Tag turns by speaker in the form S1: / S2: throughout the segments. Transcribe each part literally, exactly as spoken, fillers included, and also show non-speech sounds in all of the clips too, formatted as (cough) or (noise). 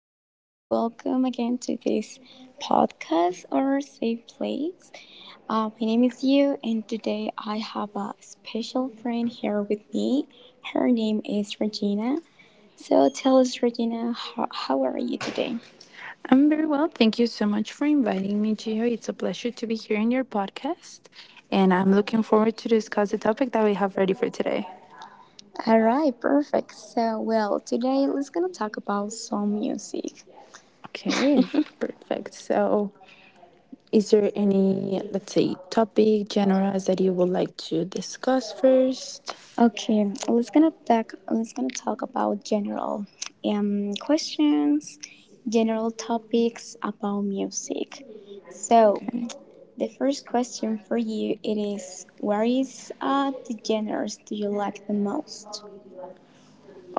S1: everyone. Welcome again to this podcast or safe place. Uh, my name is Yu, and today I have a special friend here with me. Her name is Regina. So tell us, Regina, how, how are you today?
S2: I'm very well. Thank you so much for inviting me, Gio. It's a pleasure to be here in your podcast, and I'm looking forward to discuss the topic that we have ready for today.
S1: All right, perfect. So, well, today let's gonna talk about some music.
S2: Okay, perfect. So, is there any, let's say, topic, genres that you would like to discuss first?
S1: Okay, let's gonna talk. Let's gonna talk about general um questions, general topics about music. So
S2: Okay.
S1: the first question for you it is: What is uh, the genres do you like the most?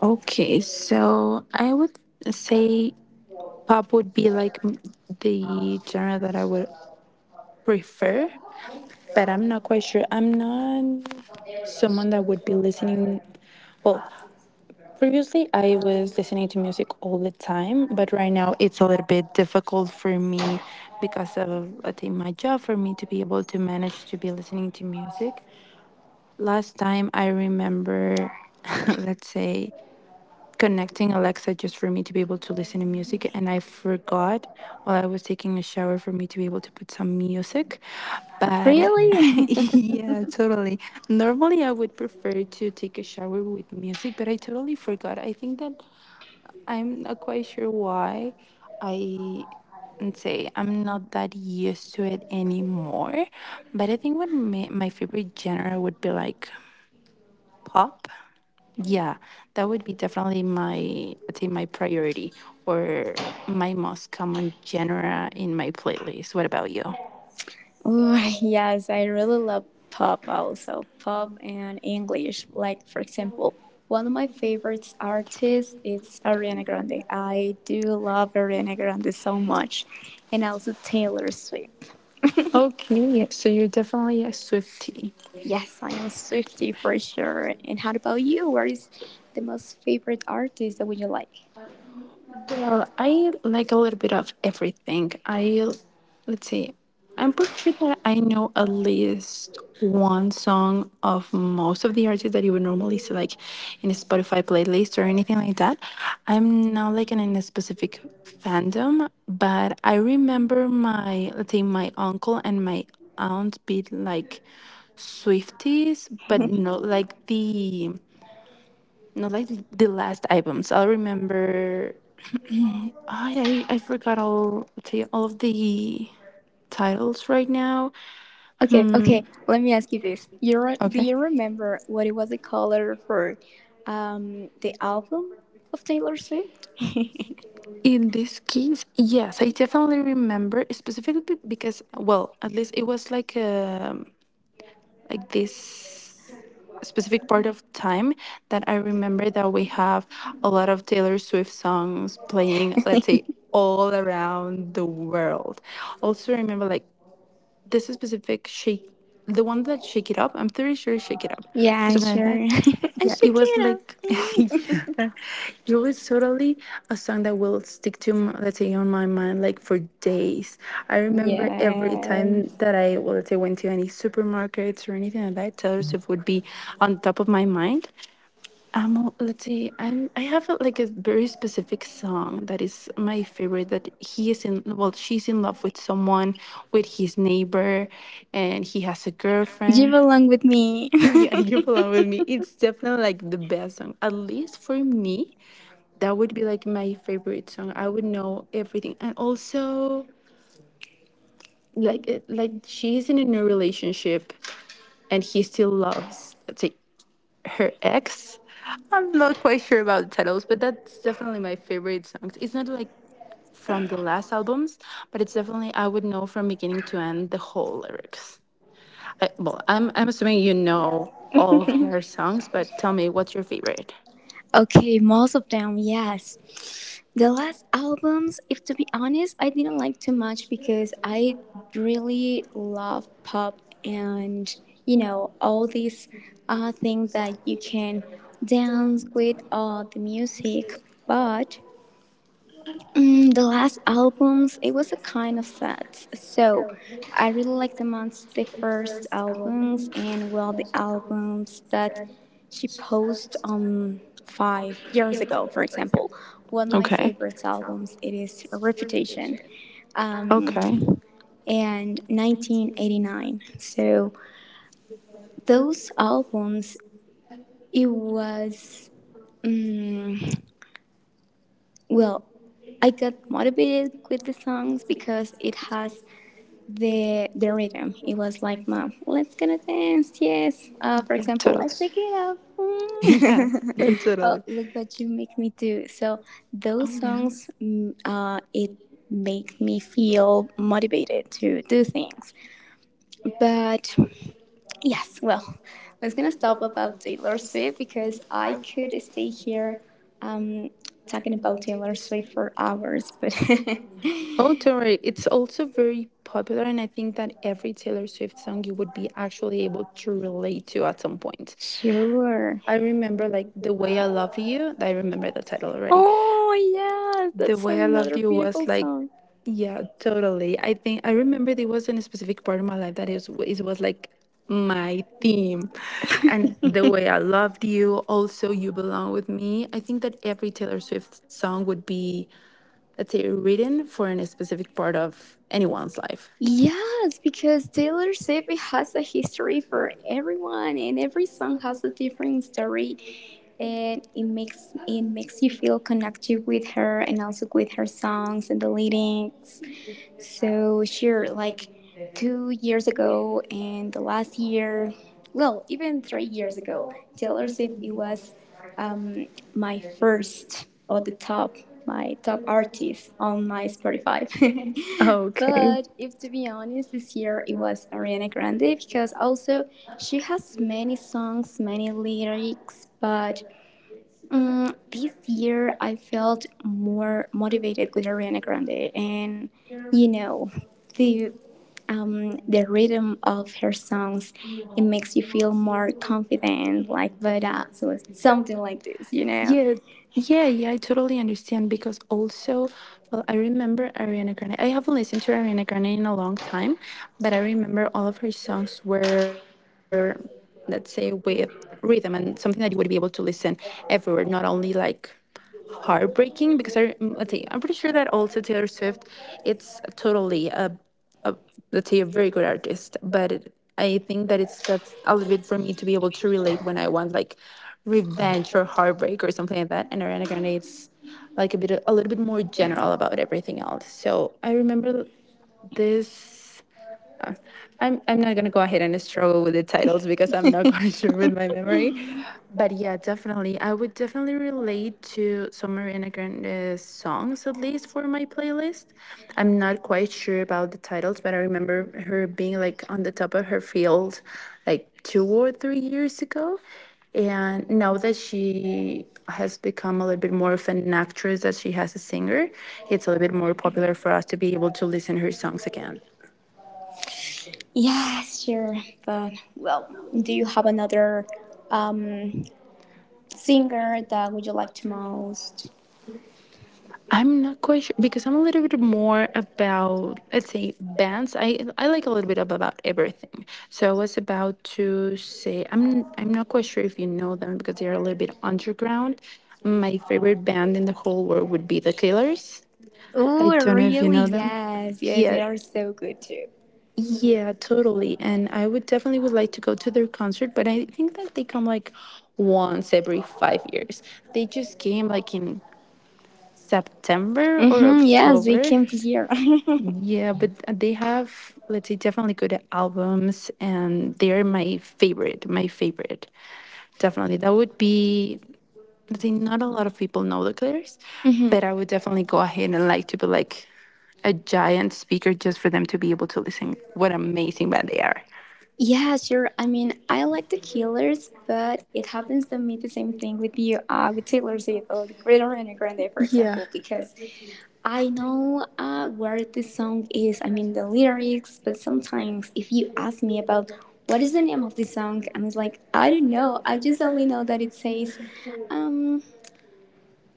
S2: Okay, so I would say pop would be like m- the genre that I would prefer. But I'm not quite sure. I'm not someone that would be listening. Well, previously I was listening to music all the time, but right now it's a little bit difficult for me because of I think my job for me to be able to manage to be listening to music. Last time I remember, (laughs) let's say, connecting Alexa just for me to be able to listen to music, and I forgot while I was taking a shower for me to be able to put some music, but (laughs)
S1: Really? (laughs)
S2: Yeah, totally. Normally, I would prefer to take a shower with music, but I totally forgot. I think that I'm not quite sure why I and say I'm not that used to it anymore. But I think what my, my favorite genre would be like pop. Yeah, that would be definitely my, I'd say my priority or my most common genre in my playlist. What about you?
S1: Ooh, (laughs) yes, I really love pop also. Pop and English. Like for example, one of my favorite artists is Ariana Grande. I do love Ariana Grande so much. And also Taylor Swift.
S2: Okay, yeah, so you're definitely a Swiftie.
S1: Yes, I am Swiftie for sure. And how about you? What is the most favorite artist that would you like?
S2: Well, I like a little bit of everything. I Let's see. I'm pretty sure that I know at least one song of most of the artists that you would normally see like in a Spotify playlist or anything like that. I'm not like in a specific fandom, but I remember my let's say my uncle and my aunt be like Swifties, but not like the not like the last albums. I'll remember I I, forgot all the, all of the titles right now.
S1: Okay, okay. Let me ask you this. You re- do
S2: Okay.
S1: you remember what it was the color for um the album of Taylor Swift?
S2: In this case, yes, I definitely remember specifically be- because, well, at least it was like um like this specific part of time that I remember that we have a lot of Taylor Swift songs playing,
S1: (laughs)
S2: let's say, all around the world. Also, remember like this specific shake, the one that Shake It Up. I'm pretty sure Shake It Up or
S1: Yeah,
S2: something like
S1: sure. (laughs)
S2: that.
S1: And am
S2: Yeah, it was
S1: Shakira.
S2: like (laughs)
S1: Mm.
S2: yeah, it was totally a song that will stick to m- let's say on my mind like for days. I remember every
S1: Yeah.
S2: time that I well, let's say went to any supermarkets or anything like that, Taylor Swift would be on top of my mind. Um, well, let's say I I have a, like a very specific song that is my favorite. That he is in well, she's in love with someone, with his neighbor, and he has a
S1: Jib
S2: girlfriend.
S1: along with me.
S2: Yeah, (laughs) you belong with me. It's definitely like the best song. At least for me, that would be like my favorite song. I would know everything. And also like uh, like she's in a new relationship and he still loves let's say her ex. I'm not quite sure about the titles, but that's definitely my favorite songs. It's not like from the last albums, but it's definitely I would know from beginning to end the whole lyrics. I, well, I'm I'm assuming you know all of her songs, but tell me, what's your favorite?
S1: (laughs) Okay, most of them, yes. The last albums, if to be honest, I didn't like too much because I really love pop and, you know, all these uh, things that you can dance with all the music. But mm, the last albums, it was a kind of sad. So, I really like the months the first albums and well the albums that she posted um five years ago, for example. One of my favorite albums it is Reputation, um, and nineteen eighty-nine. So those albums, it was mm well. I got motivated with the songs because it has the the rhythm. It was like, mom, let's gonna dance. Yes. Uh, for example, I shake it up.
S2: (laughs) Yeah,
S1: Mm. (laughs) Oh,
S2: totally.
S1: look what you make me do. So those songs, mm, uh, it make me feel motivated to do things. But yes, well, I was gonna stop about Taylor Swift because I could stay here, um, talking about Taylor Swift for hours. But (laughs)
S2: Oh, do It's also very popular, and I think that every Taylor Swift song you would be actually able to relate to at some point.
S1: sure.
S2: I remember like The Way I Love You. I remember the title already.
S1: Oh yes,
S2: The
S1: that's
S2: Way I Love
S1: another
S2: You was
S1: beautiful
S2: like
S1: song.
S2: yeah, totally. I think I remember there wasn't a specific part of my life that is it was like my theme. And The Way I Loved You, also You Belong With Me. I think that every Taylor Swift song would be, let's say, written for a specific part of anyone's life.
S1: Yes, because Taylor Swift has a history for everyone, and every song has a different story, and it makes it makes you feel connected with her and also with her songs and the lyrics. So sure, like two years ago and the last year, well, even three years ago, Taylor Swift it was um, my first or the top my top artist on my Spotify. (laughs)
S2: Okay.
S1: But if to be honest, this year it was Ariana Grande because also she has many songs, many lyrics, but mm, this year, I felt more motivated with Ariana Grande, and you know, the um, the rhythm of her songs, it makes you feel more confident, like badass, so something like this, you know.
S2: Yeah, yeah, yeah, I totally understand because also, well, I remember Ariana Grande. I haven't listened to Ariana Grande in a long time, but I remember all of her songs were, let's say, with rhythm and something that you would be able to listen everywhere, not only like heartbreaking, because I mm, let's say I'm pretty sure that also Taylor Swift it's totally a a, let's say a very good artist, but I think that it's just a little bit for me to be able to relate when I want like revenge or heartbreak or something like that. And Ariana Grande, it's like a bit a little bit more general about everything else. So I remember this, uh, I'm I'm not gonna go ahead and struggle with the titles because I'm not (laughs) quite sure with my memory. But yeah, definitely, I would definitely relate to some Mariana Grande's songs at least for my playlist. I'm not quite sure about the titles, but I remember her being like on the top of her field, like two or three years ago. And now that she has become a little bit more of an actress that she has a singer, it's a little bit more popular for us to be able to listen her songs again.
S1: Yeah, sure, but well, do you have another um, singer that would you like to most?
S2: I'm not quite sure because I'm a little bit more about let's say bands. I I like a little bit of about everything. So I was about to say I'm I'm not quite sure if you know them because they are a little bit underground. My favorite band in the whole world would be The Killers. I
S1: Oh,
S2: don't know if you
S1: really?
S2: know them.
S1: Yes, yes,
S2: Yeah,
S1: they are so good too.
S2: yeah, totally. And I would definitely would like to go to their concert, but I think that they come like once every five years. They just came like in September or
S1: Mm-hmm, yes, they
S2: October.
S1: came this year. (laughs)
S2: Yeah, but they have, let's say, definitely good albums, and they're my favorite. My favorite, definitely. That would be, let's say, not a lot of people know The Clears,
S1: Mhm.
S2: but I would definitely go ahead and like to be like a giant speaker just for them to be able to listen. What amazing band they are.
S1: Yeah, sure. I mean, I like the Killers, but it happens to me the same thing with you, uh, with Taylor Swift or the Great Ariana Grande, for
S2: Yeah.
S1: example, because I know uh, where this song is. I mean, the lyrics, but sometimes if you ask me about what is the name of this song, I'm just like, I don't know. I just only know that it says, um,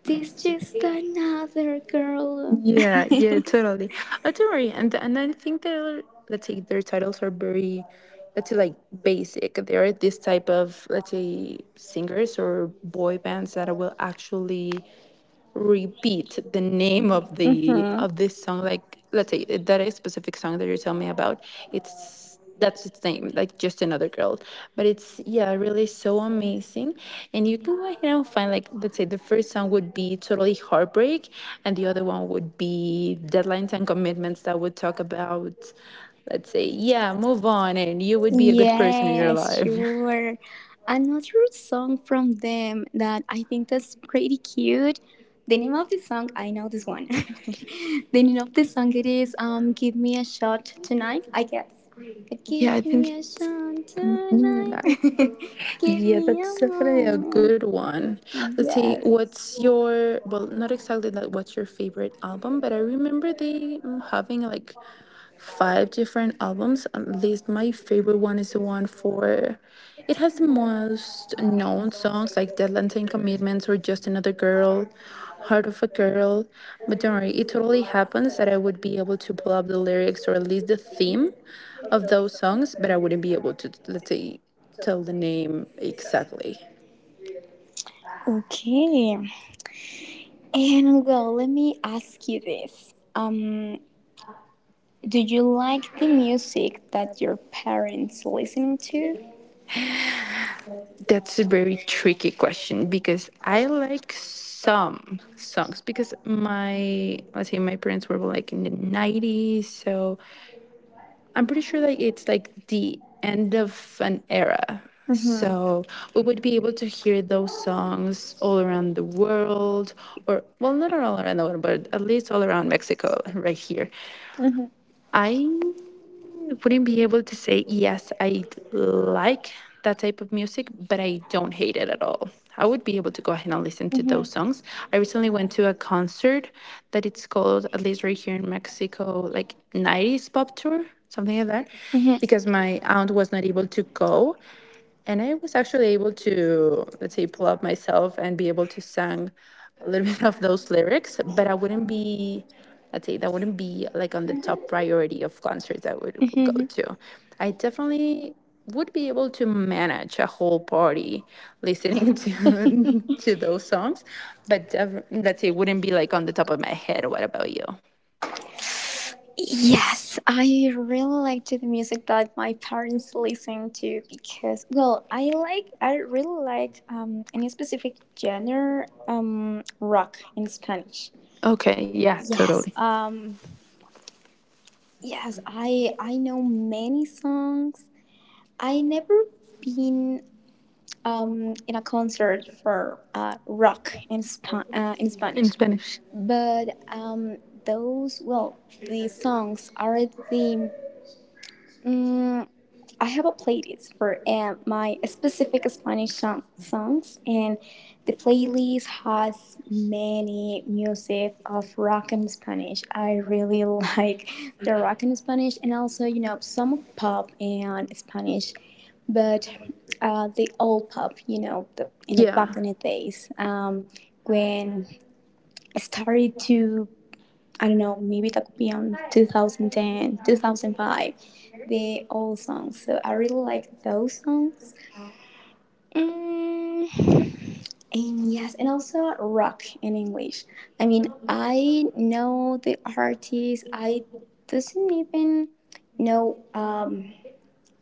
S1: "This just another girl."
S2: Yeah, yeah,
S1: (laughs)
S2: totally. Oh, don't worry. And and I think their let's say their titles are very let's say like basic. There are this type of let's say singers or boy bands that will actually repeat the name of the
S1: Hmm.
S2: of this song, like let's say that is specific song that you're telling me about, it's that's its name, like Just Another Girl, but it's, yeah, really so amazing. And you can go ahead and find like let's say the first song would be totally heartbreak, and the other one would be Deadlines and Commitments, that would talk about let's say, yeah, move on and you would be a good person in your
S1: Yes,
S2: life.
S1: sure. Another song from them that I think that's pretty cute. The name of the song, I know this one. (laughs) The name of the song it is um Give Me a Shot Tonight, I guess. But
S2: (laughs) Yeah,
S1: give
S2: I think.
S1: me a shot
S2: mm,
S1: tonight. (laughs) Give
S2: Yeah,
S1: me a
S2: that's definitely a
S1: moment.
S2: good one. Let's see,
S1: Yes.
S2: what's your, well, not exactly like what's your favorite album, but I remember they um, having like five different albums. At least my favorite one is the one for it has the most known songs like Deadline Commitments or Just Another Girl, Heart of a Girl. But don't worry, it totally happens that I would be able to pull up the lyrics or at least the theme of those songs, but I wouldn't be able to let's say tell the name exactly.
S1: Okay. And well, let me ask you this. Um do you like the music that your parents listening to?
S2: That's a very tricky question because I like some songs because my let's say my parents were born like in the nineties, so I'm pretty sure like it's like the end of an era.
S1: Mm-hmm.
S2: So we would be able to hear those songs all around the world, or well, not all around the world, but at least all around Mexico right here.
S1: Mm-hmm.
S2: I wouldn't be able to say yes, I like that type of music, but I don't hate it at all. I would be able to go ahead and listen to those songs. I recently went to a concert that it's called, at least right here in Mexico, like nineties pop tour, something like that, because my aunt was not able to go. And I was actually able to, let's say, pull up myself and be able to sing a little (laughs) bit of those lyrics, but I wouldn't be, let's say, that wouldn't be like on the top priority of concerts I would, would go
S1: Mm-hmm.
S2: to. I definitely would be able to manage a whole party listening (laughs) to to those songs, but def- let's say, wouldn't be like on the top of my head. What about you?
S1: Yes, I really like to the music that my parents listen to because, well, I like, I really like um, any specific genre, um, rock in Spanish.
S2: Okay, yeah, totally.
S1: Yes, um, yes, I I know many songs. I never been um, in a concert for uh, rock in, Spa- uh, in
S2: In
S1: Spanish.
S2: Spanish.
S1: But um, those, well, the songs are the. Mm I have a playlist for uh, my specific Spanish song- songs, and the playlist has many music of rock and Spanish. I really (laughs) like the rock and Spanish, and also you know some pop and Spanish, but uh, the old pop, you know, the, in the
S2: Yeah.
S1: back in the days um, when I started to I don't know, maybe that could be on two thousand ten, the old songs. So I really like those songs. Mm, and yes, and also rock in English. I mean, I know the artists. I doesn't even know um,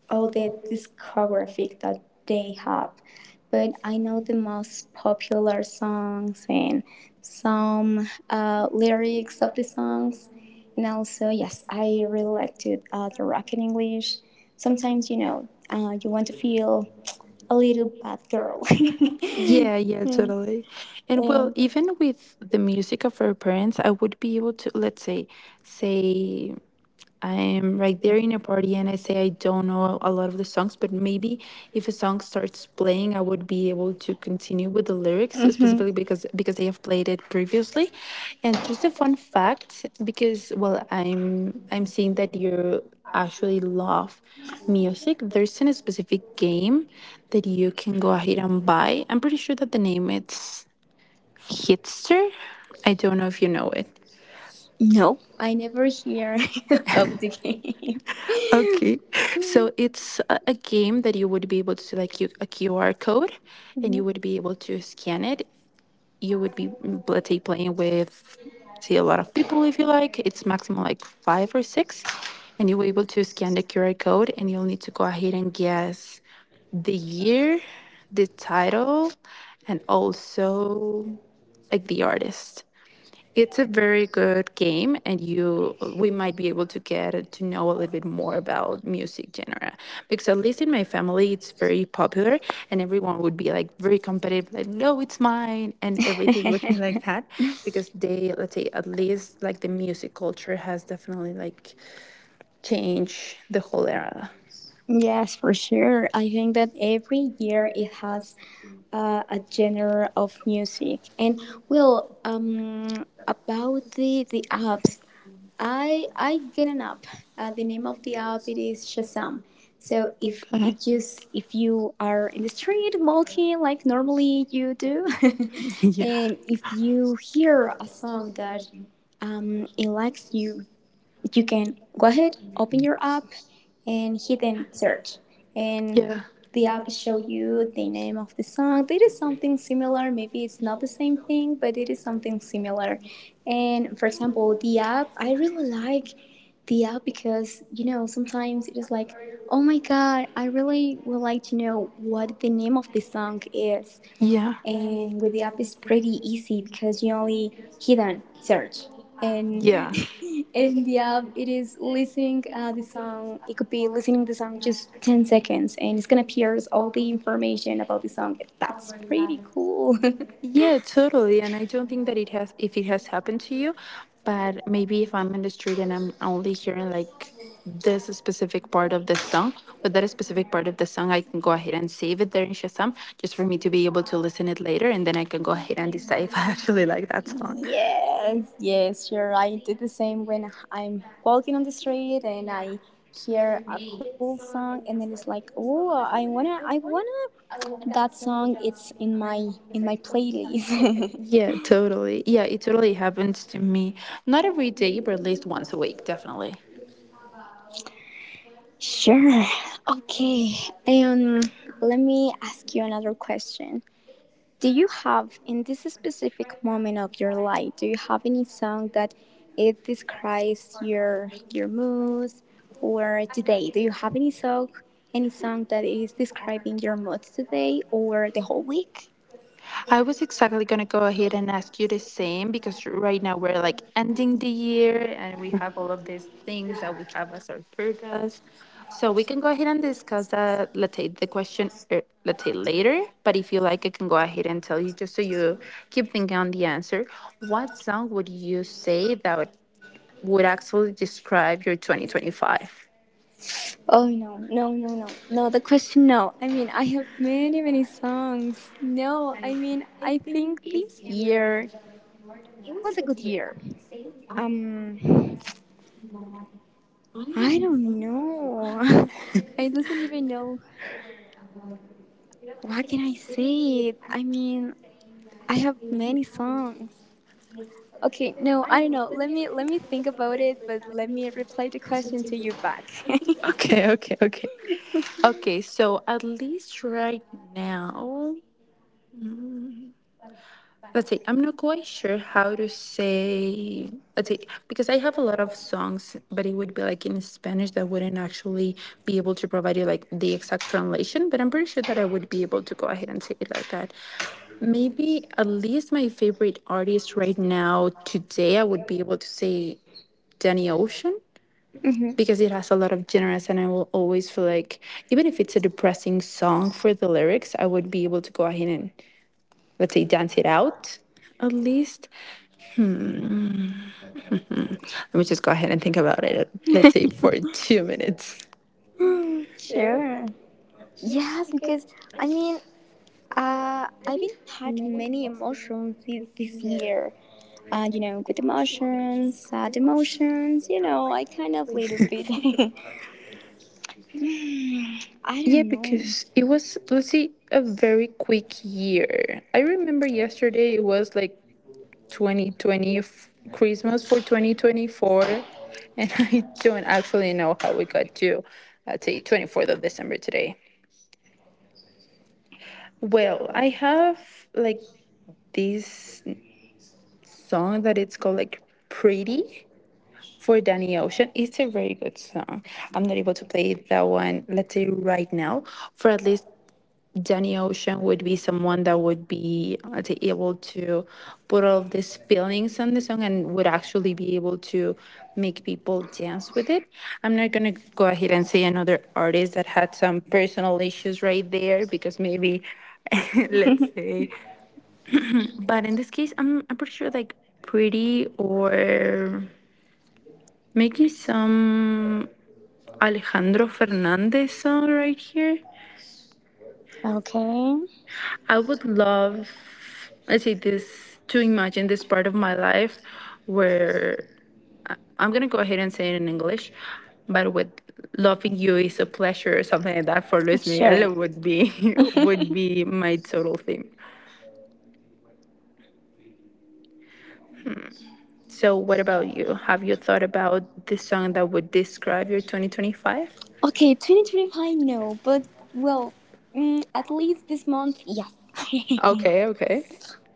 S1: all the discographic that they have. But I know the most popular songs and some uh, lyrics of the songs. And also, yes, I really like to uh, the rock in English. Sometimes, you know, uh, you want to feel a little bad girl. (laughs)
S2: (laughs) Yeah, yeah,
S1: Yeah.
S2: totally. And well,
S1: And-
S2: even with the music of our parents, I would be able to, let's say, say I'm right there in a party and I say I don't know a lot of the songs, but maybe if a song starts playing, I would be able to continue with the lyrics
S1: Mhm.
S2: specifically because because they have played it previously. And just a fun fact, because well, I'm I'm seeing that you actually love music. There's a specific game that you can go ahead and buy. I'm pretty sure that the name it's Hitster. I don't know if you know it.
S1: No, I never hear (laughs) of the game.
S2: Okay, so it's a, a game that you would be able to like you, a Q R code,
S1: (laughs)
S2: and you
S1: Mhm.
S2: would be able to scan it. You would be mm, let's say playing with say a lot of people if you like. It's maximum like five or six, and you were able to scan the Q R code, and you'll need to go ahead and guess the year, the title, and also like the artist. It's a very good game, and you we might be able to get to know a little bit more about music genre because at least in my family it's very popular, and everyone would be like very competitive, like no, it's mine, and everything would be like that because they, let's say, at least like the music culture has definitely like
S1: (laughs)
S2: changed the whole era.
S1: Yes, for sure. I think that every year it has uh, a genre of music. And well, um, about the the apps, I I get an app. Uh, the name of the app it is Shazam. So if
S2: Okay.
S1: it just if you are in the street walking like normally you do, (laughs)
S2: (laughs) yeah.
S1: and if you hear a song that um it likes you, you can go ahead open your app and hidden search and
S2: Yeah.
S1: the app show you the name of the song, it is something similar, maybe it's not the same thing but it is something similar. And for example, the app, I really like the app because you know sometimes it is like, oh my god, I really would like to know what the name of the song is.
S2: Yeah.
S1: And with the app it's pretty easy because you only hit on search and
S2: Yeah.
S1: (laughs) in the app it is listening uh, the song, it could be listening the song just ten seconds and it's gonna appear all the information about the song. That's pretty cool.
S2: Yeah, totally. And I don't think that it has, if it has happened to you, but maybe if I'm in the street and I'm only hearing like this specific part of the song, with that specific part of the song, I can go ahead and save it there in Shazam just for me to be able to listen it later. And then I can go ahead and decide if I (laughs) actually like that
S1: (laughs)
S2: song.
S1: Yes, yes, sure, I did the same when I'm walking on the street and I hear a cool song and then it's like, oh, i wanna I wanna that song, it's in my in my playlist. (laughs)
S2: Yeah, totally. Yeah, it totally happens to me. Not every day, but at least once a week, definitely.
S1: Sure. Okay. And let me ask you another question. Do you have, in this specific moment of your life, do you have any song that it describes your your moods or today? Do you have any song, any song that is describing your moods today or the whole week?
S2: I was exactly going to go ahead and ask you the same because right now we're like ending the year and we have all of these things that we have as our purpose. So we can go ahead and discuss that, let's say the question, er, let's say later. But if you like, I can go ahead and tell you just so you keep thinking on the answer. What song would you say that would, would actually describe your twenty twenty-five?
S1: Oh no, no, no, no, no. The question, no. I mean, I have many, many songs. No, I mean, I think this year it was a good year. Um, (sighs) I don't know. (laughs) I doesn't even know. What can I say? I mean, I have many songs. Okay, no, I don't know. Let me let me think about it, but let me replay the question to you back. (laughs)
S2: Okay, okay, okay. Okay, so at least right now. Let's see. I'm not quite sure how to say. Let's see, because I have a lot of songs, but it would be like in Spanish that wouldn't actually be able to provide you like the exact translation. But I'm pretty sure that I would be able to go ahead and say it like that. Maybe at least my favorite artist right now today, I would be able to say Danny Ocean
S1: Mhm.
S2: because it has a lot of generous and I will always feel like even if it's a depressing song for the lyrics, I would be able to go ahead and, let's say, dance it out at least. Let me just go ahead and think about it, let's say, for two minutes.
S1: (gasps) Sure. Yes, because I mean, uh, I've been had many emotions thi- this year. Uh, you know, good emotions, sad emotions. You know, I kind of little bit. (laughs) (sighs) Hmm, I
S2: Yeah,
S1: don't know.
S2: because it was, let's see, a very quick year. I remember yesterday it was like twenty twenty, f- Christmas for twenty twenty-four. And (laughs) I don't actually know how we got to, let's say, twenty-fourth of December today. Well, I have like this song that it's called like Pretty for Danny Ocean. It's a very good song. I'm not able to play that one, let's say right now. For at least Danny Ocean would be someone that would be, let's say, able to put all of these feelings on the song and would actually be able to make people dance with it. I'm not gonna go ahead and say another artist that had some personal issues right there because maybe, (laughs) let's say. But in this case, I'm I'm pretty sure like pretty or making some Alejandro Fernandez song right here.
S1: Okay.
S2: I would love, I see this, to imagine this part of my life where I'm gonna go ahead and say it in English, but with loving you is a pleasure or something like that for Luis
S1: Sure.
S2: Miguel would be, (laughs) would
S1: (laughs)
S2: be my total theme. So what about you? Have you thought about the song that would describe your twenty twenty-five?
S1: Okay, twenty twenty-five, no. But, well, mm, at least this month, yes.
S2: Okay,
S1: (laughs)
S2: okay.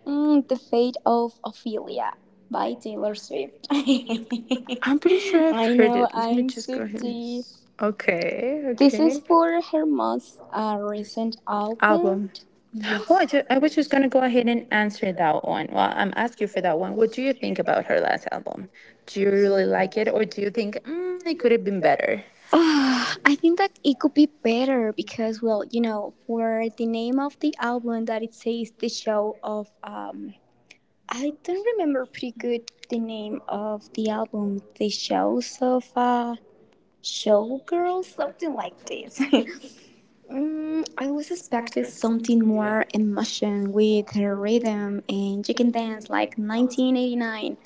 S1: Mm, the Fate of Ophelia by Taylor Swift. (laughs) I
S2: I'm pretty sure I've heard
S1: know,
S2: it. Let me
S1: I'm
S2: just go ahead.
S1: Swifty.
S2: Okay,
S1: This is
S2: okay.
S1: for her most uh, recent album.
S2: Album.
S1: Yes.
S2: Well, I, ju- I was just going to go ahead and answer that one. Well, I'm asking you for that one. What do you think about her last album? Do you really like it, or do you think mm, it could have been better?
S1: (sighs) Ah, I think that it could be better because, well, you know, for the name of the album that it says the show of um, I don't remember pretty good the name of the album, the shows of uh, showgirls, something like this. (laughs) Mm, I was expecting something more emotion with her rhythm and chicken dance like nineteen eighty-nine.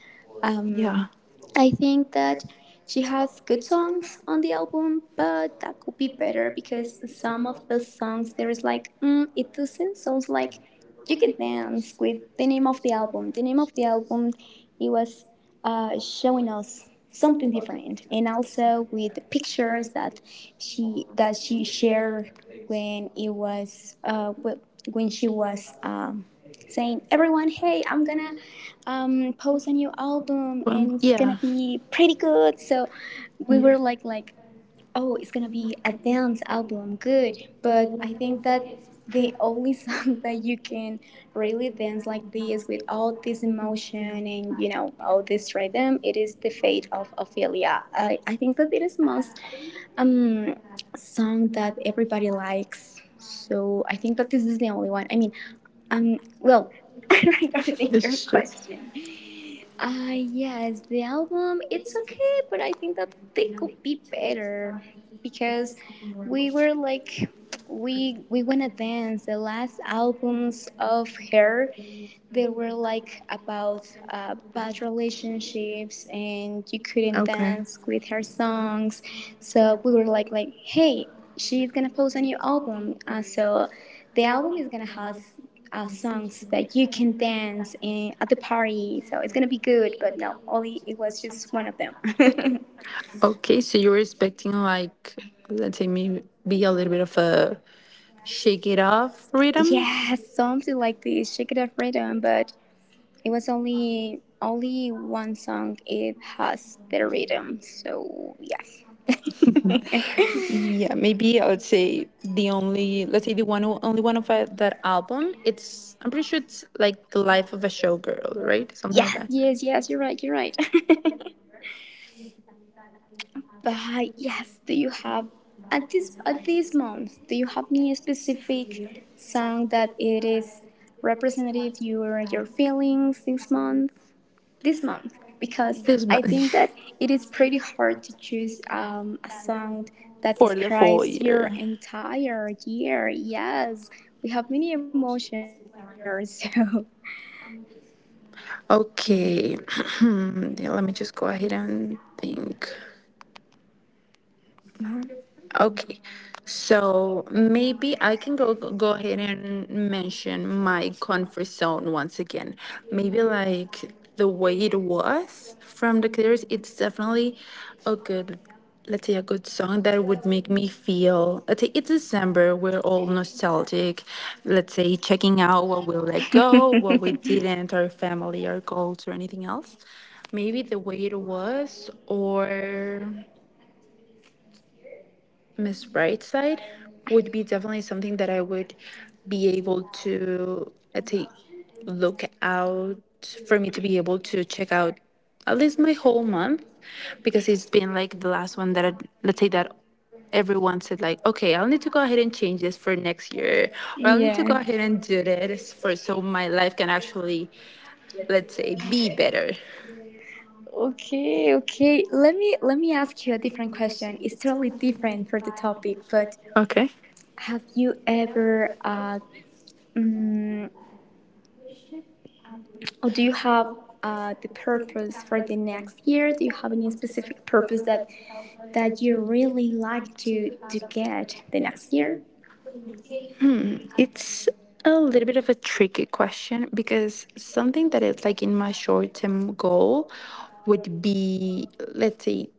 S1: Um,
S2: Yeah.
S1: I think that she has good songs on the album, but that could be better because some of the songs there is like, mm, it doesn't sound like you could dance with the name of the album. The name of the album, it was uh, showing us something different, and also with the pictures that she that she shared when it was uh, when she was um, saying everyone, hey, I'm gonna um post a new album
S2: Well,
S1: and it's gonna
S2: yeah.
S1: be pretty good. So we
S2: Yeah.
S1: were like like oh, it's gonna be a dance album good. But I think that the only (laughs) song that you can really dance like this with all this emotion and you know all this rhythm it is the Fate of Ophelia. i, I think that it is the most um song that everybody likes, so I think that this is the only one. I mean, um, well, (laughs) regarding
S2: This
S1: your
S2: is true.
S1: question, uh, yes, the album it's okay, but I think that they could be better because we were like we we wanna dance. The last albums of her, they were like about uh, bad relationships and you couldn't
S2: Okay.
S1: dance with her songs. So we were like like hey, she's gonna post a new album, uh, so the album is gonna have uh, songs that you can dance in at the party, so it's gonna be good. But no, only it was just one of them. (laughs)
S2: Okay, so you were expecting like, let's say, maybe be a little bit of a shake it off rhythm?
S1: Yeah, something like this shake it up rhythm, but it was only only one song. It has better rhythm. So yes, (laughs)
S2: Yeah, maybe I would say the only, let's say, the one o- only one of uh, that album. It's, I'm pretty sure it's like the life of a showgirl, right? Something like
S1: yes,
S2: that.
S1: yes, yes. You're right. You're right. (laughs) But yes, do you have at this at this month, do you have any specific song that it is representative your your feelings this month? this month because
S2: This
S1: I
S2: month
S1: think that it is pretty hard to choose um, a song
S2: (laughs)
S1: that
S2: for the whole
S1: describes your
S2: year.
S1: entire year. Yes, we have many emotions in one year, (laughs) so
S2: Okay, (clears throat) yeah, let me just go ahead and think. Okay, so maybe I can go go ahead and mention my comfort zone once again. Maybe like the way it was from the Clears, it's definitely a good, let's say, a good song that would make me feel. Let's say it's December, we're all nostalgic. Let's say checking out what we let go, what we didn't, our family, our goals, or anything else. Maybe the way it was, or Miss Brightside would be definitely something that I would be able to, let's say, look out for me to be able to check out at least my whole month because it's been like the last one that I, let's say that everyone
S1: Everyone's
S2: said
S1: like,
S2: like, okay,
S1: okay,
S2: I'll
S1: I'll
S2: need to
S1: just
S2: go
S1: go
S2: ahead
S1: ahead and
S2: and
S1: choose
S2: change
S1: this
S2: this
S1: for
S2: for
S1: next
S2: next
S1: year.
S2: year, or
S1: But
S2: I'll need to go ahead and
S1: yeah.
S2: do this
S1: For
S2: for so
S1: so my
S2: my life
S1: life can
S2: can
S1: actually,
S2: actually,
S1: let's
S2: let's say,
S1: say,
S2: be
S1: be there.
S2: better.
S1: Okay, okay. Let me let me ask you a different question. It's totally different for the topic, but
S2: Okay,
S1: have you ever uh, mm, or do you have uh, the purpose for the next year? Do you have any specific purpose that that you really like to to get the next year?
S2: it's a little bit of a tricky question because something that is like in my short term goal would be, let's say,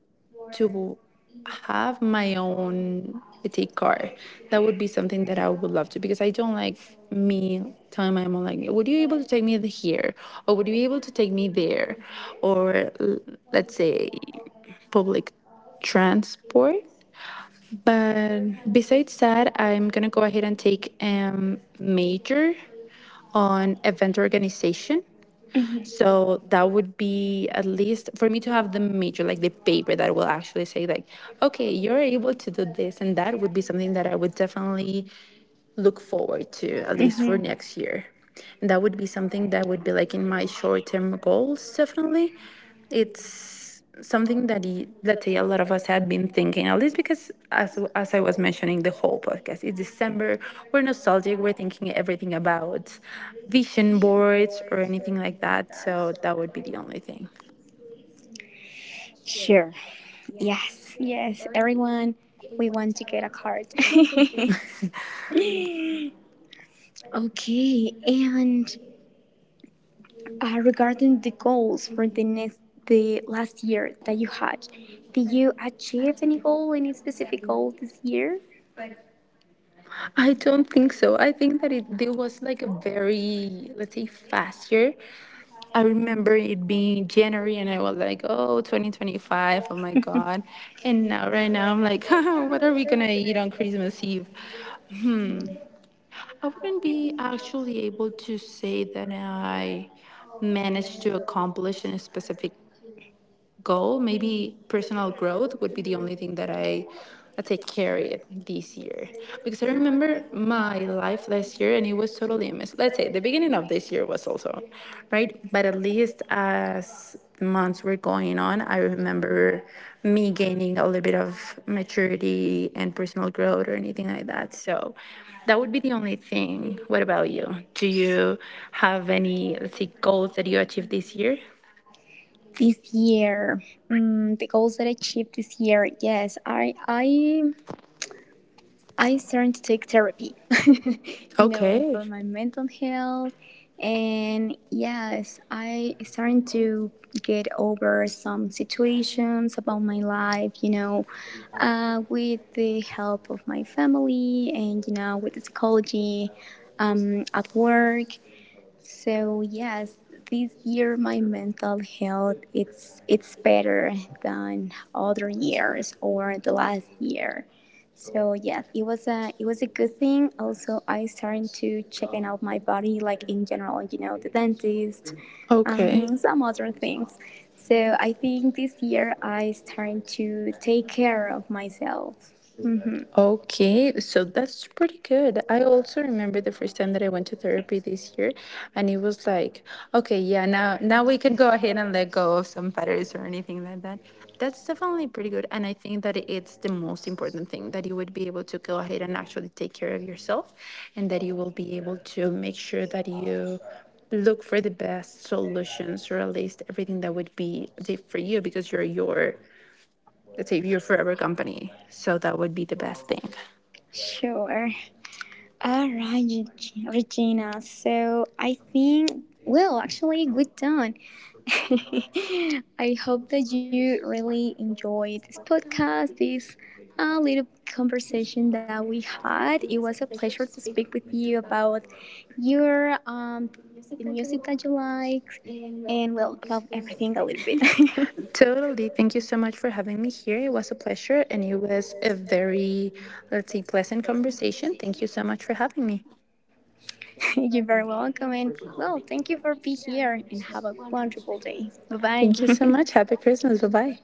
S2: to have my own, let's say, car. That would be something that I would love to because I don't like me telling my mom, like, would you be able to take me here? Or would you be able to take me there? Or l- let's say, public transport. But besides that, I'm gonna go ahead and take um major on event organization.
S1: Hmm.
S2: So that would be at least for me to have the major, like the paper that will actually say like, okay, you're able to do this, and that would be something that I would definitely look forward to at least
S1: Hmm.
S2: for next year, and that would be something that would be like in my short-term goals. Definitely it's something that y- let's say a lot of us have been thinking, at least because as as I was mentioning the whole podcast it's December, we're nostalgic, we're thinking everything about vision boards or anything like that. So that would be the only thing.
S1: Sure. Yes. Yes. Everyone, we want to get a card. (laughs) Okay. And uh, regarding the goals for the next the last year that you had, did you achieve any goal, any specific goal this year?
S2: I don't think so. I think that it there was like a very, let's say, fast year. I remember it being January and I was like, oh, twenty twenty-five, oh my God. And now, right now, I'm like, (laughs) what are we going to eat on Christmas Eve? I wouldn't be actually able to say that I managed to accomplish in a specific goal. Maybe personal growth would be the only thing that I, let's say, carried this year. Because I remember my life last year and it was totally a mess. Let's say the beginning of this year was also, right? But at least as the months were going on, I remember me gaining a little bit of maturity and personal growth or anything like that. So that would be the only thing. What about you? Do you have any, let's say, goals that you achieved this year?
S1: This year, mm, the goals that I achieved this year, yes, I I I started to take therapy, (laughs) you know,
S2: Okay.
S1: for my mental health, and yes, I started to get over some situations about my life, you know, uh, with the help of my family and you know with the psychology um, at work. So yes, this year my mental health it's it's better than other years or the last year. So yeah, it was a it was a good thing. Also, I started to checking out my body, like in general, you know, the dentist,
S2: Okay.
S1: um, some other things. So I think this year I started to take care of myself. Mm-hmm.
S2: Okay, so that's pretty good. I also remember the first time that I went to therapy this year, and it was like, okay, yeah, now now we can go ahead and let go of some patterns or anything like that. That's definitely pretty good, and I think that it's the most important thing that you would be able to go ahead and actually take care of yourself, and that you will be able to make sure that you look for the best solutions or at least everything that would be safe for you because you're your, let's say, your forever company. So that would be the best thing.
S1: Sure. All right, Regina. So I think, well, actually, we're done. (laughs) I hope that you really enjoyed this podcast, this uh, little conversation that we had. It was a pleasure to speak with you about your um, the music that you like, and well, about everything a little bit. (laughs)
S2: Totally. Thank you so much for having me here. It was a pleasure and it was a very, let's say, pleasant conversation. Thank you so much for having me.
S1: You're very welcome, and well, thank you for being here, and have a wonderful day. Bye bye.
S2: Thank you so
S1: (laughs)
S2: much. Happy Christmas. Bye bye.